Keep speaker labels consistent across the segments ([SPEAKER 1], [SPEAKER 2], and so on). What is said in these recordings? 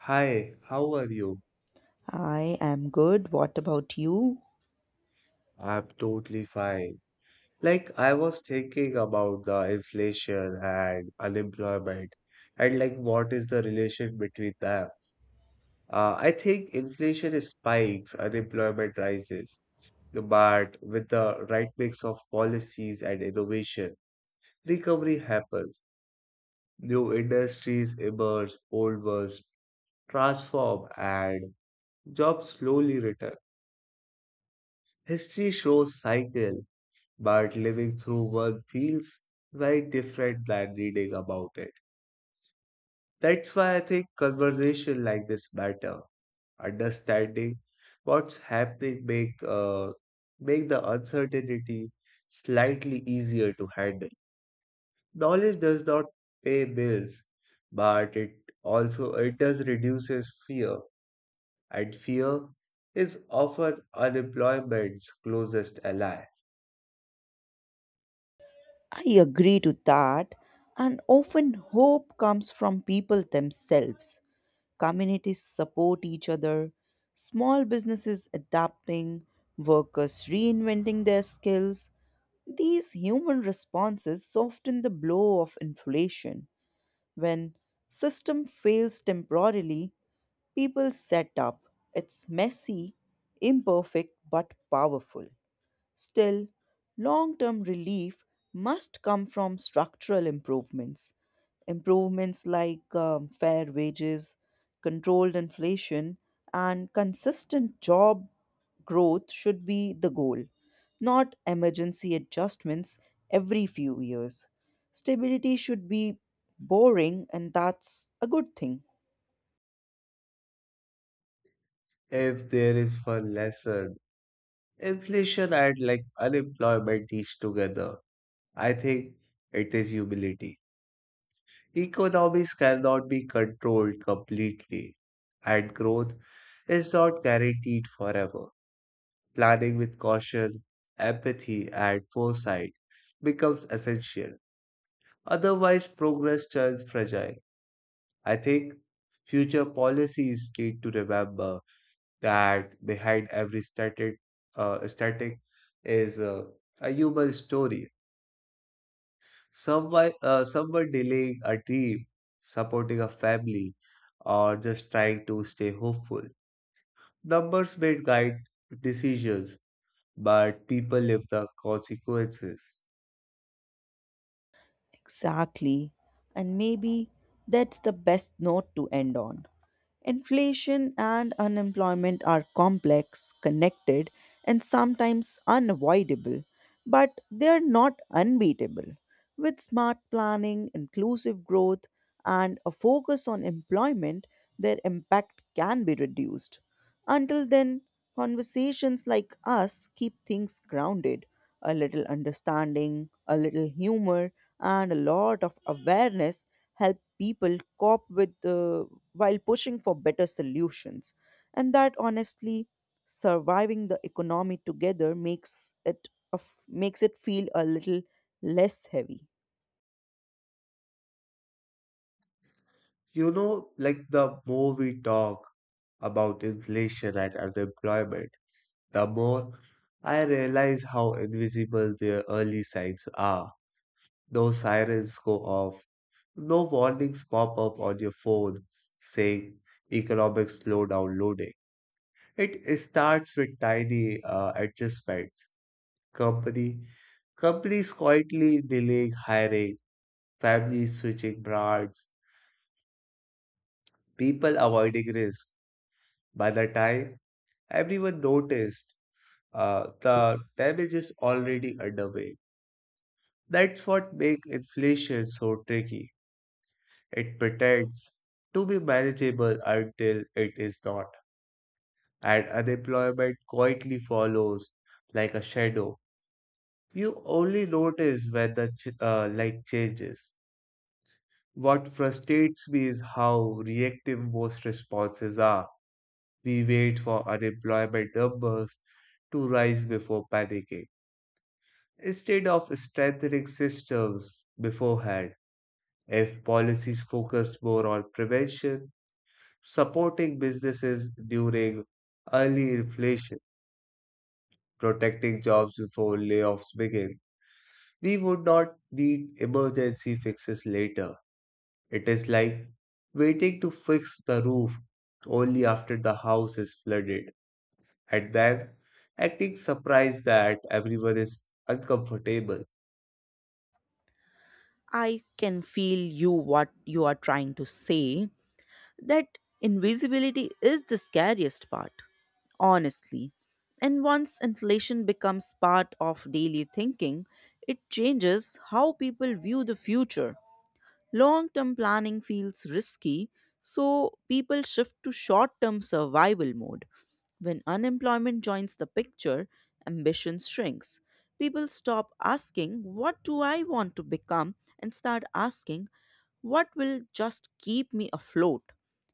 [SPEAKER 1] Hi, how are you?
[SPEAKER 2] I am good. What about you?
[SPEAKER 1] I'm totally fine. Like, I was thinking about the inflation and unemployment and like what is the relation between them. I think inflation spikes, unemployment rises, but with the right mix of policies and innovation, recovery happens. New industries emerge, old ones transform, and jobs slowly return. History shows cycle but living through one feels very different than reading about it. That's why I think conversation like this matter. Understanding what's happening make the uncertainty slightly easier to handle. Knowledge does not pay bills, but it also it does reduces fear, and fear is often unemployment's closest ally.
[SPEAKER 2] I agree to that. And often hope comes from people themselves. Communities support each other, small businesses adapting, workers reinventing their skills. These human responses soften the blow of inflation. When system fails temporarily, people set up. It's messy, imperfect, but powerful. Still, long term relief must come from structural improvements. Improvements like fair wages, controlled inflation, and consistent job growth should be the goal, not emergency adjustments every few years. Stability should be boring, and that's a good thing.
[SPEAKER 1] If there is one lesson inflation and like unemployment each together. I think it is humility. Economies cannot be controlled completely, and growth is not guaranteed forever. Planning with caution, empathy, and foresight becomes essential. Otherwise, progress turns fragile. I think future policies need to remember that behind every static is a human story. Some were delaying a dream, supporting a family, or just trying to stay hopeful. Numbers may guide decisions, but people live the consequences.
[SPEAKER 2] Exactly. And maybe that's the best note to end on. Inflation and unemployment are complex, connected, and sometimes unavoidable, but they're not unbeatable. With smart planning, inclusive growth, and a focus on employment, their impact can be reduced. Until then, conversations like us keep things grounded. A little understanding, a little humor, and a lot of awareness help people cope with while pushing for better solutions, and that honestly, surviving the economy together makes it of makes it feel a little less heavy.
[SPEAKER 1] Like the more we talk about inflation and unemployment, the more I realize how invisible their early signs are. No sirens go off, no warnings pop up on your phone saying economic slowdown loaded. It starts with tiny adjustments. Company companies quietly delaying hiring, families switching brands, people avoiding risk. By the time everyone noticed, the damage is already underway. That's what makes inflation so tricky. It pretends to be manageable until it is not, and unemployment quietly follows like a shadow. You only notice when the light changes. What frustrates me is how reactive most responses are. We wait for unemployment numbers to rise before panicking, instead of strengthening systems beforehand. If policies focused more on prevention, supporting businesses during early inflation, protecting jobs before layoffs begin, we would not need emergency fixes later. It is like waiting to fix the roof only after the house is flooded, and then acting surprised that everyone is uncomfortable.
[SPEAKER 2] I can feel you what you are trying to say. That invisibility is the scariest part, honestly. And once inflation becomes part of daily thinking, it changes how people view the future. Long term planning feels risky, so people shift to short term survival mode. When unemployment joins the picture, ambition shrinks. People stop asking, "What do I want to become?" and start asking, "What will just keep me afloat?"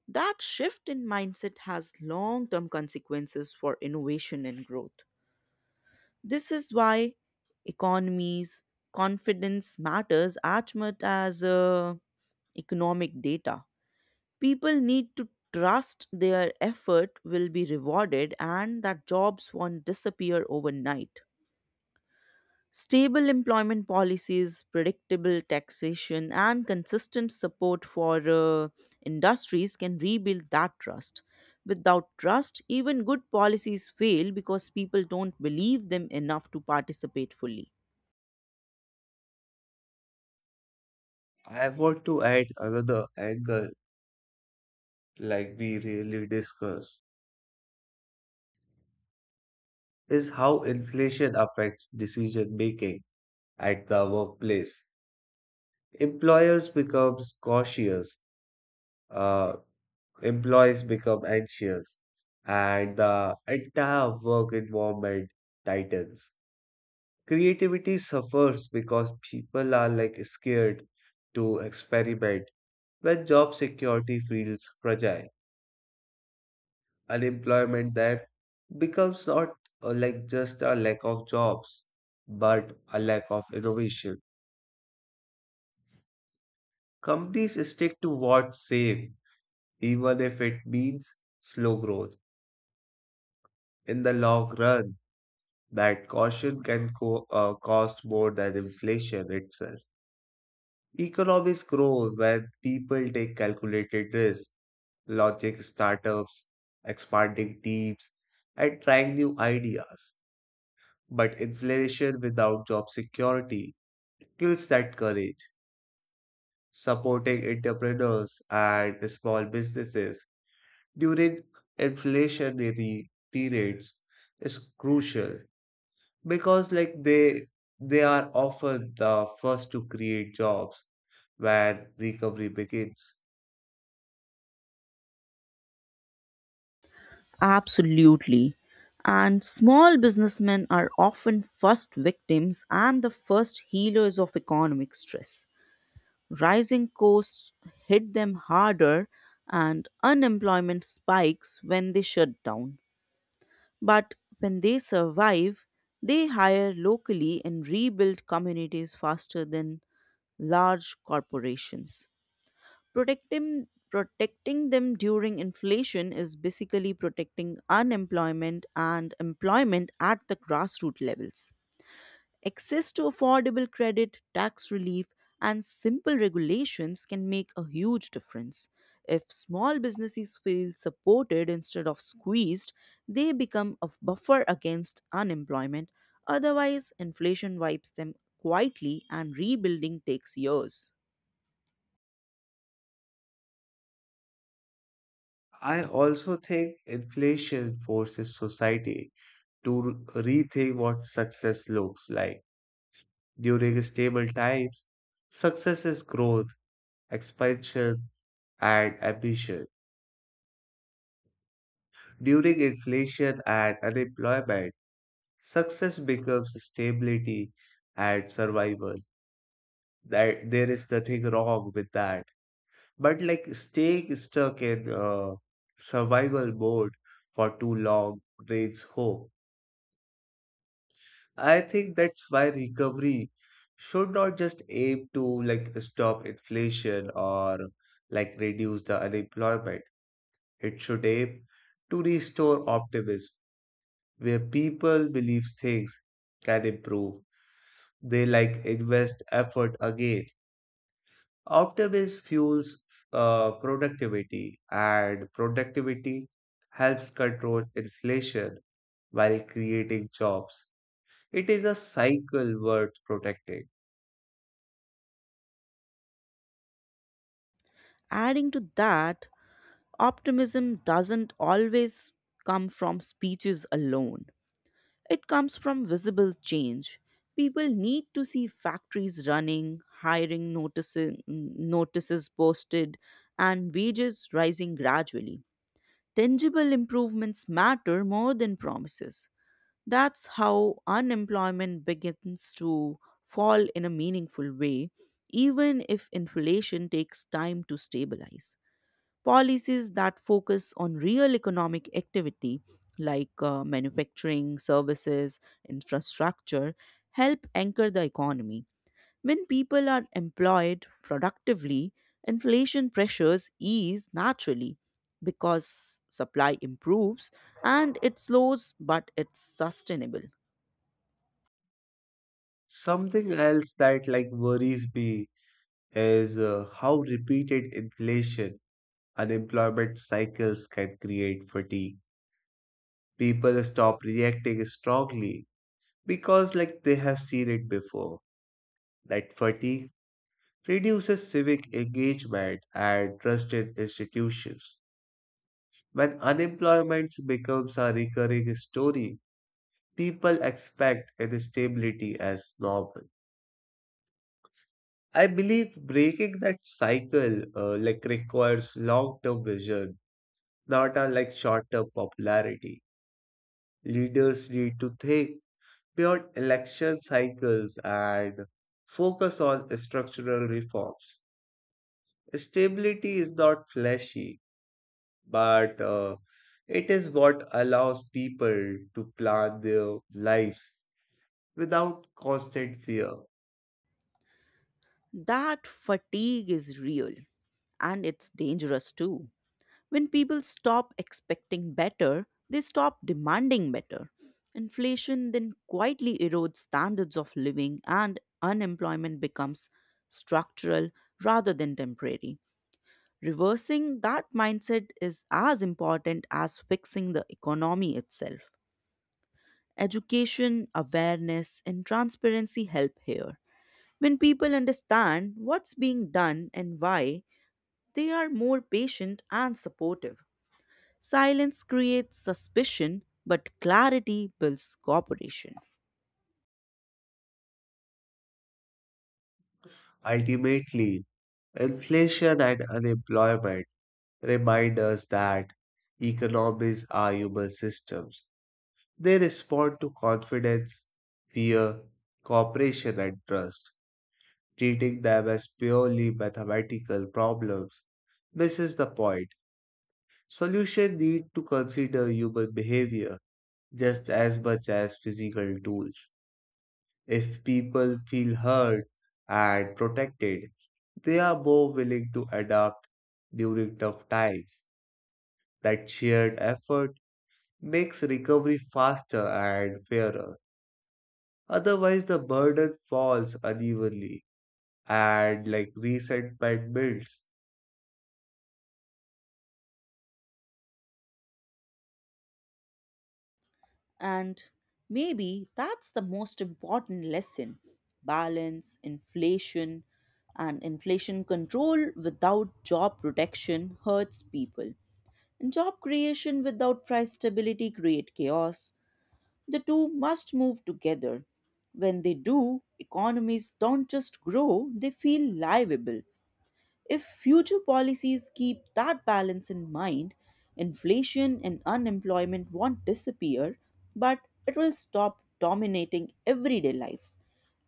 [SPEAKER 2] That shift in mindset has long term consequences for innovation and growth. This is why economies, confidence matters as much as economic data. People need to trust their effort will be rewarded and that jobs won't disappear overnight. Stable employment policies, predictable taxation, and consistent support for industries can rebuild that trust. Without trust, even good policies fail because people don't believe them enough to participate fully.
[SPEAKER 1] I want to add another angle, like we really discuss, is how inflation affects decision making at the workplace. Employers becomes cautious, uh, employees become anxious, and the entire work environment tightens. Creativity suffers because people are like scared to experiment when job security feels fragile. Unemployment then becomes not like just a lack of jobs but a lack of innovation. Companies stick to what's safe even if it means slow growth in the long run. That caution can cost more than inflation itself. Economies grow when people take calculated risks, logic startups, expanding teams, and trying new ideas. But inflation without job security kills that courage. Supporting entrepreneurs and small businesses during inflationary periods is crucial because like they are often the first to create jobs when recovery begins.
[SPEAKER 2] Absolutely. And small businessmen are often first victims and the first healers of economic stress. Rising costs hit them harder and unemployment spikes when they shut down. But when they survive, they hire locally and rebuild communities faster than large corporations. Protecting them during inflation is basically protecting unemployment and employment at the grassroots levels. Access to affordable credit, tax relief, and simple regulations can make a huge difference. If small businesses feel supported instead of squeezed, they become a buffer against unemployment. Otherwise, inflation wipes them quietly and rebuilding takes years.
[SPEAKER 1] I also think inflation forces society to rethink what success looks like. During stable times, success is growth, expansion, and ambition. During inflation and unemployment, success becomes stability and survival. That there is nothing wrong with that. But like staying stuck in survival mode for too long drains hope. I think that's why recovery should not just aim to like stop inflation or like reduce the unemployment. It should aim to restore optimism where people believe things can improve. They like invest effort again. Optimism fuels productivity and productivity helps control inflation while creating jobs. It is a cycle worth protecting.
[SPEAKER 2] Adding to that, optimism doesn't always come from speeches alone. It comes from visible change. People need to see factories running, hiring notices posted, and wages rising gradually. Tangible improvements matter more than promises. That's how unemployment begins to fall in a meaningful way, even if inflation takes time to stabilize. Policies that focus on real economic activity like manufacturing, services, infrastructure help anchor the economy. When people are employed productively, inflation pressures ease naturally because supply improves and it slows but it's sustainable.
[SPEAKER 1] Something else that like worries me is how repeated inflation, unemployment cycles can create fatigue. People stop reacting strongly because like they have seen it before. That fatigue reduces civic engagement and trust in institutions. When unemployment becomes a recurring story, people expect instability as normal. I believe breaking that cycle like requires long-term vision, not unlike short-term popularity. Leaders need to think beyond election cycles and focus on structural reforms. Stability is not flashy, but it is what allows people to plan their lives without constant fear.
[SPEAKER 2] That fatigue is real, and it's dangerous too. When people stop expecting better, they stop demanding better. Inflation then quietly erodes standards of living, and unemployment becomes structural rather than temporary. Reversing that mindset is as important as fixing the economy itself. Education, awareness, and transparency help here. When people understand what's being done and why, they are more patient and supportive. Silence creates suspicion, but clarity builds cooperation.
[SPEAKER 1] Ultimately, inflation and unemployment remind us that economies are human systems. They respond to confidence, fear, cooperation, and trust. Treating them as purely mathematical problems misses the point. Solutions need to consider human behavior just as much as physical tools. If people feel heard and protected, they are more willing to adapt during tough times. That shared effort makes recovery faster and fairer. Otherwise, the burden falls unevenly and like resentment builds.
[SPEAKER 2] And maybe that's the most important lesson: balance, inflation, and inflation control without job protection hurts people. Job creation without price stability create chaos. The two must move together. When they do, economies don't just grow, they feel livable. If future policies keep that balance in mind, inflation and unemployment won't disappear, but it will stop dominating everyday life.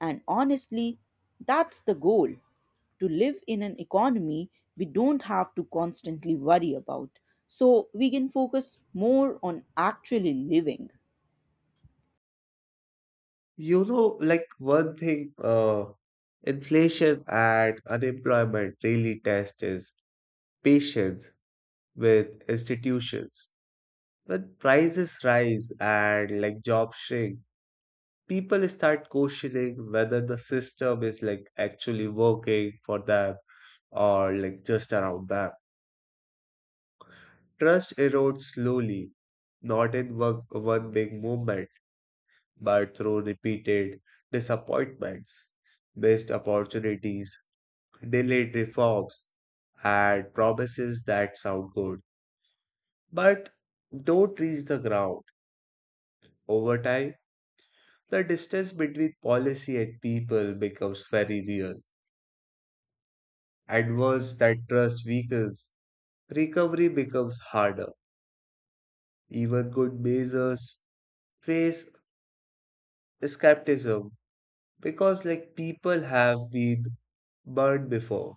[SPEAKER 2] And honestly, that's the goal, to live in an economy we don't have to constantly worry about. So we can focus more on actually living.
[SPEAKER 1] You know, like one thing, inflation and unemployment really test is patience with institutions. When prices rise and like jobs shrink, people start questioning whether the system is like actually working for them or like just around them. Trust erodes slowly, not in one big movement, but through repeated disappointments, missed opportunities, delayed reforms, and promises that sound good but don't reach the ground. Over time, the distance between policy and people becomes very real. And once that trust weakens, recovery becomes harder. Even good measures face skepticism because like people have been burned before.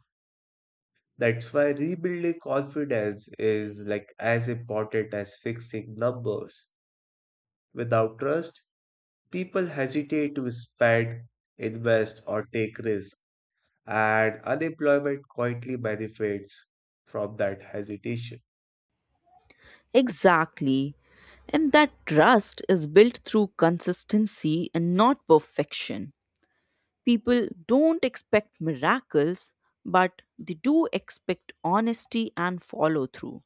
[SPEAKER 1] That's why rebuilding confidence is like as important as fixing numbers. Without trust, people hesitate to spend, invest, or take risks, and unemployment quietly benefits from that hesitation.
[SPEAKER 2] Exactly. And that trust is built through consistency and not perfection. People don't expect miracles, but they do expect honesty and follow through.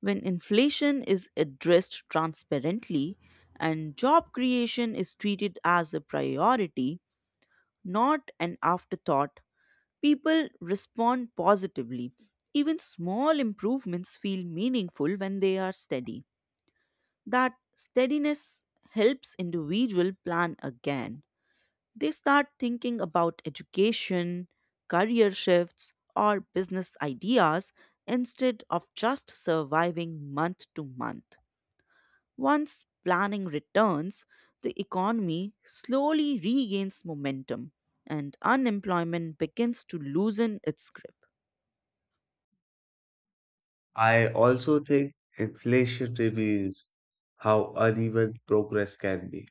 [SPEAKER 2] When inflation is addressed transparently and job creation is treated as a priority, not an afterthought, people respond positively. Even small improvements feel meaningful when they are steady. That steadiness helps individual plan again. They start thinking about education, career shifts, or business ideas instead of just surviving month to month. Once planning returns, the economy slowly regains momentum and unemployment begins to loosen its grip.
[SPEAKER 1] I also think inflation reveals how uneven progress can be.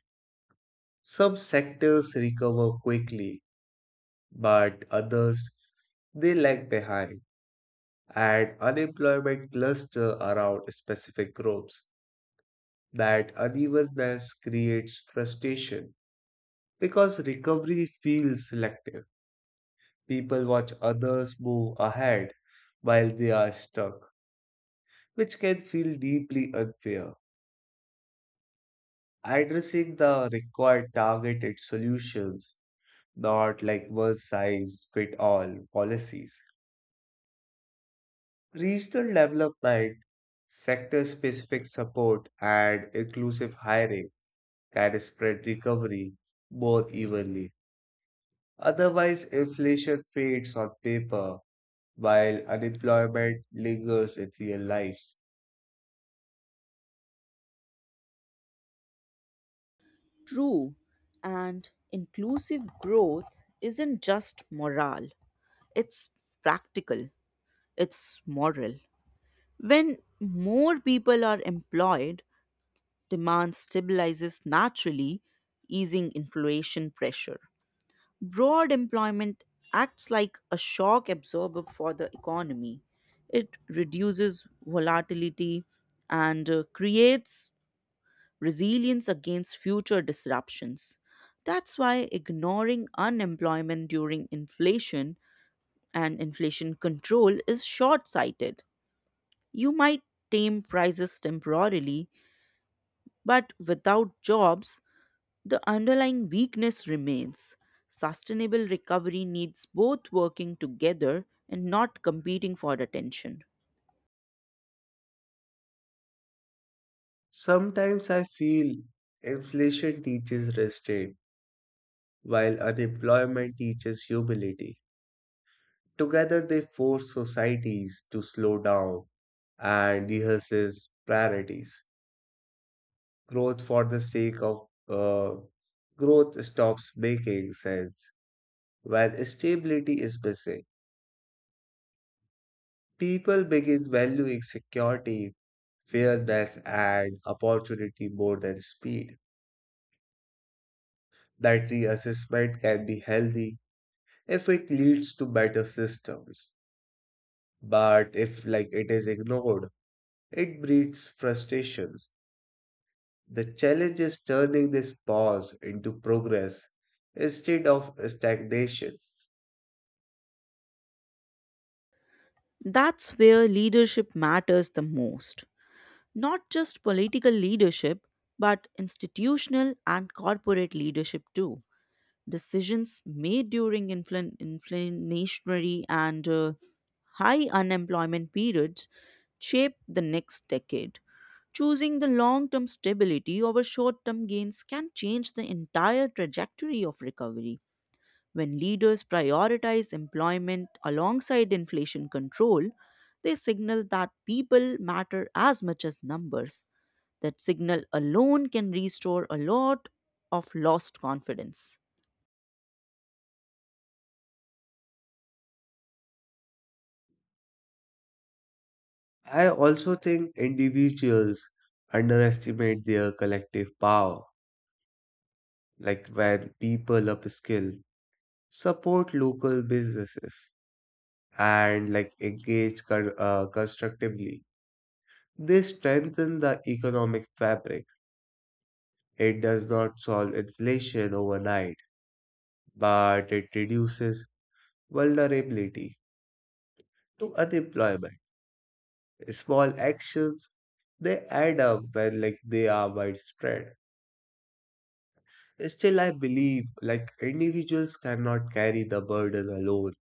[SPEAKER 1] Some sectors recover quickly, but others they lag behind, and unemployment cluster around specific groups. That unevenness creates frustration because recovery feels selective. People watch others move ahead while they are stuck, which can feel deeply unfair. Addressing the required targeted solutions, not like one size fit all policies. Regional development, sector specific support, and inclusive hiring can spread recovery more evenly. Otherwise, inflation fades on paper while unemployment lingers in real lives.
[SPEAKER 2] True, and inclusive growth isn't just moral, it's practical, it's moral. When more people are employed, demand stabilizes naturally, easing inflation pressure. Broad employment acts like a shock absorber for the economy. It reduces volatility and creates resilience against future disruptions. That's why ignoring unemployment during inflation and inflation control is short sighted. You might tame prices temporarily, but without jobs, the underlying weakness remains. Sustainable recovery needs both working together and not competing for attention.
[SPEAKER 1] Sometimes I feel inflation teaches restraint while unemployment teaches humility. Together, they force societies to slow down and rehearse priorities. Growth for the sake of uh, growth stops making sense when stability is missing. People begin valuing security, fairness, and opportunity more than speed. That reassessment can be healthy if it leads to better systems. But if like it is ignored, it breeds frustrations. The challenge is turning this pause into progress instead of stagnation.
[SPEAKER 2] That's where leadership matters the most. Not just political leadership, but institutional and corporate leadership too. Decisions made during inflationary and high unemployment periods shape the next decade. Choosing the long term stability over short term gains can change the entire trajectory of recovery. When leaders prioritize employment alongside inflation control, they signal that people matter as much as numbers. That signal alone can restore a lot of lost confidence.
[SPEAKER 1] I also think individuals underestimate their collective power, like when people upskill, support local businesses, and like engage constructively. They strengthen the economic fabric. It does not solve inflation overnight, but it reduces vulnerability to unemployment. Small actions they add up when like they are widespread. Still, I believe like individuals cannot carry the burden alone.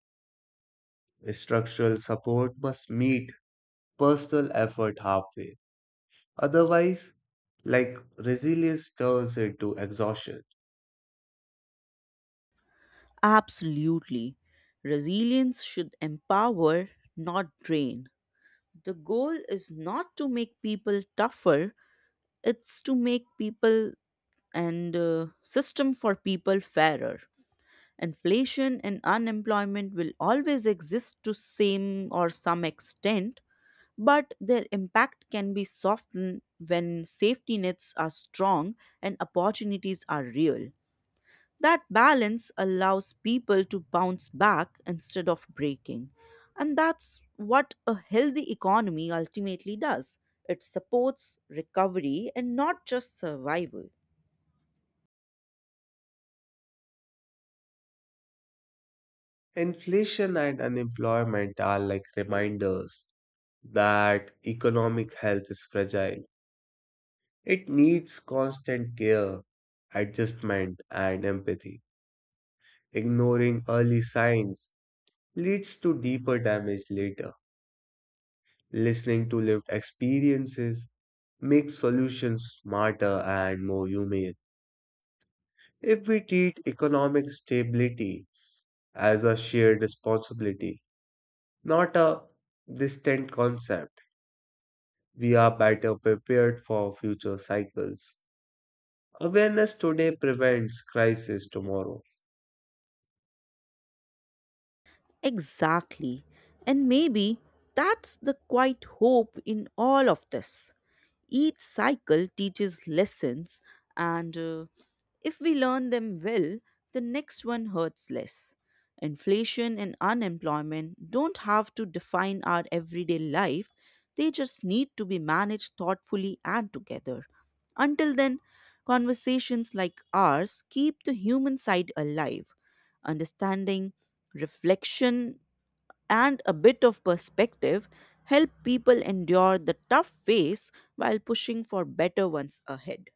[SPEAKER 1] Structural support must meet personal effort halfway. Otherwise, like resilience turns into exhaustion.
[SPEAKER 2] Absolutely. Resilience should empower, not drain. The goal is not to make people tougher, it's to make people and system for people fairer. Inflation and unemployment will always exist to same or some extent, but their impact can be softened when safety nets are strong and opportunities are real. That balance allows people to bounce back instead of breaking, and that's what a healthy economy ultimately does. It supports recovery and not just survival.
[SPEAKER 1] Inflation and unemployment are like reminders that economic health is fragile. It needs constant care, adjustment, and empathy. Ignoring early signs leads to deeper damage later. Listening to lived experiences makes solutions smarter and more humane. If we treat economic stability as a shared responsibility, not a distant concept, we are better prepared for future cycles. Awareness today prevents crisis tomorrow.
[SPEAKER 2] Exactly. And maybe that's the quiet hope in all of this. Each cycle teaches lessons, and if we learn them well, the next one hurts less. Inflation and unemployment don't have to define our everyday life, they just need to be managed thoughtfully and together. Until then, conversations like ours keep the human side alive. Understanding, reflection, and a bit of perspective help people endure the tough phase while pushing for better ones ahead.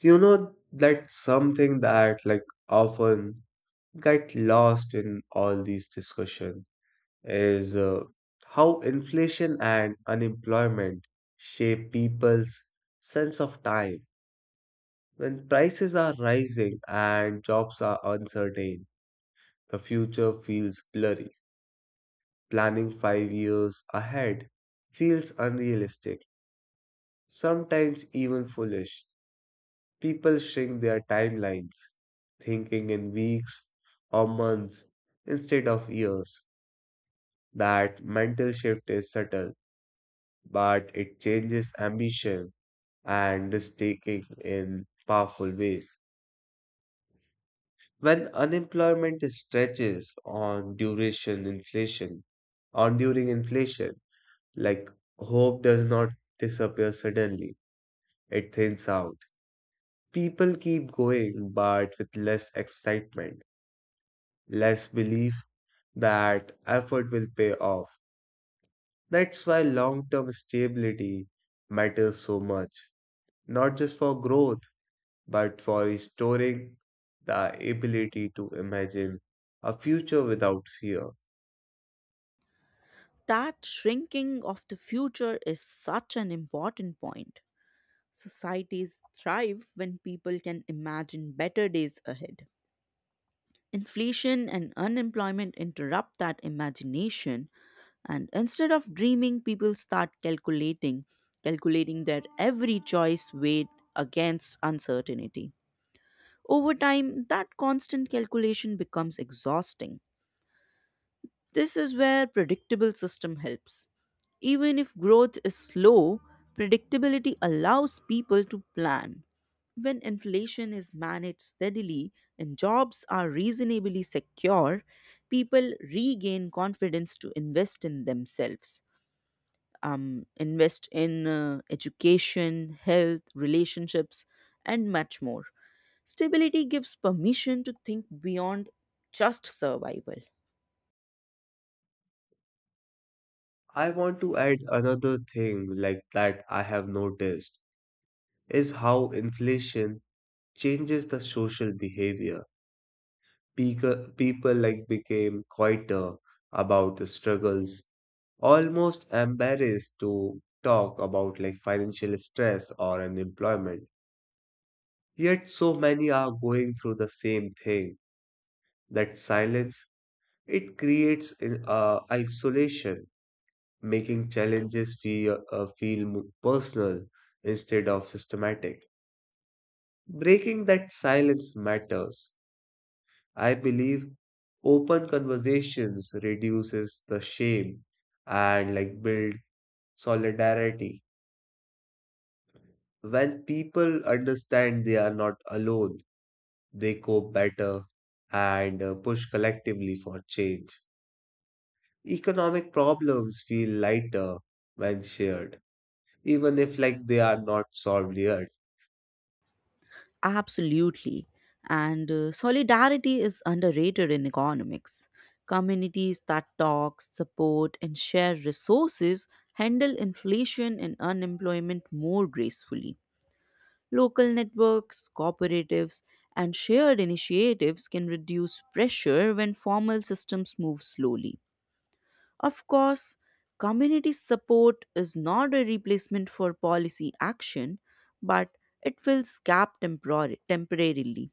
[SPEAKER 1] You know, that's something that like often get lost in all these discussions. Is how inflation and unemployment shape people's sense of time. When prices are rising and jobs are uncertain, the future feels blurry. Planning 5 years ahead feels unrealistic, sometimes even foolish. People shrink their timelines, thinking in weeks or months instead of years. That mental shift is subtle, but it changes ambition and mistaking in powerful ways. When unemployment stretches on duration inflation, on during inflation, like hope does not disappear suddenly, it thins out. People keep going, but with less excitement, less belief that effort will pay off. That's why long term stability matters so much, not just for growth, but for restoring the ability to imagine a future without fear.
[SPEAKER 2] That shrinking of the future is such an important point. Societies thrive when people can imagine better days ahead. Inflation and unemployment interrupt that imagination, and instead of dreaming, people start calculating their every choice weighed against uncertainty. Over time, that constant calculation becomes exhausting. This is where predictable system helps. Even if growth is slow, predictability allows people to plan. When inflation is managed steadily and jobs are reasonably secure, people regain confidence to invest in themselves. Invest in education, health, relationships, and much more. Stability gives permission to think beyond just survival.
[SPEAKER 1] I want to add another thing like that I have noticed is how inflation changes the social behavior. People like became quieter about the struggles, almost embarrassed to talk about like financial stress or unemployment. Yet so many are going through the same thing. That silence. It creates isolation, making challenges feel personal instead of systematic. Breaking that silence matters. I believe open conversations reduces the shame and like build solidarity. When people understand they are not alone, they cope better and push collectively for change. Economic problems feel lighter when shared, even if like they are not solved yet.
[SPEAKER 2] Absolutely. And solidarity is underrated in economics. Communities that talk, support, and share resources handle inflation and unemployment more gracefully. Local networks, cooperatives, and shared initiatives can reduce pressure when formal systems move slowly. Of course, community support is not a replacement for policy action, but it fills gap temporarily.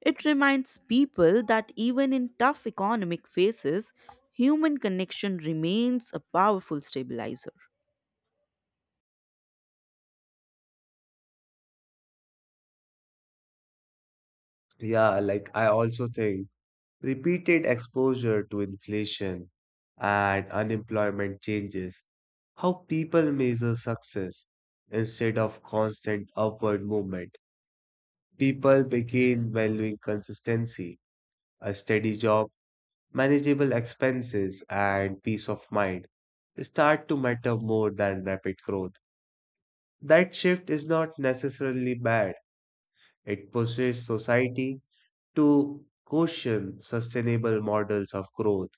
[SPEAKER 2] It reminds people that even in tough economic phases, human connection remains a powerful stabilizer.
[SPEAKER 1] Yeah, like I also think repeated exposure to inflation and unemployment changes how people measure success instead of constant upward movement. People begin valuing consistency, a steady job, manageable expenses, and peace of mind start to matter more than rapid growth. That shift is not necessarily bad. It pushes society to question sustainable models of growth,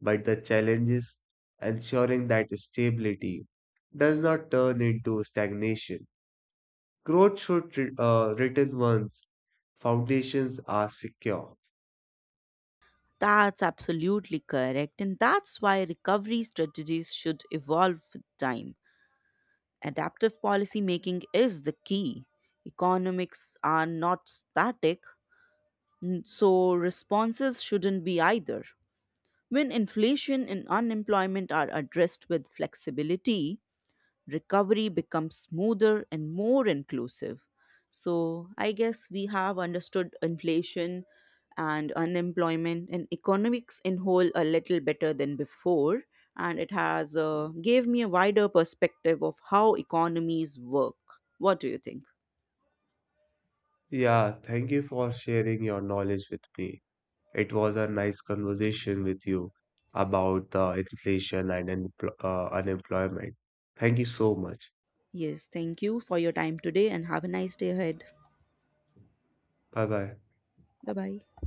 [SPEAKER 1] but the challenge is ensuring that stability does not turn into stagnation. Growth should return once foundations are secure.
[SPEAKER 2] That's absolutely correct, and that's why recovery strategies should evolve with time. Adaptive policy making is the key. Economics are not static, so responses shouldn't be either. When inflation and unemployment are addressed with flexibility, recovery becomes smoother and more inclusive. So I guess we have understood inflation and unemployment and economics in whole a little better than before and it has gave me a wider perspective of how economies work. What do you think?
[SPEAKER 1] Yeah, thank you for sharing your knowledge with me. It was a nice conversation with you about the inflation and unemployment. Thank you so much.
[SPEAKER 2] Yes, thank you for your time today and have a nice day ahead.
[SPEAKER 1] Bye bye.
[SPEAKER 2] Bye bye.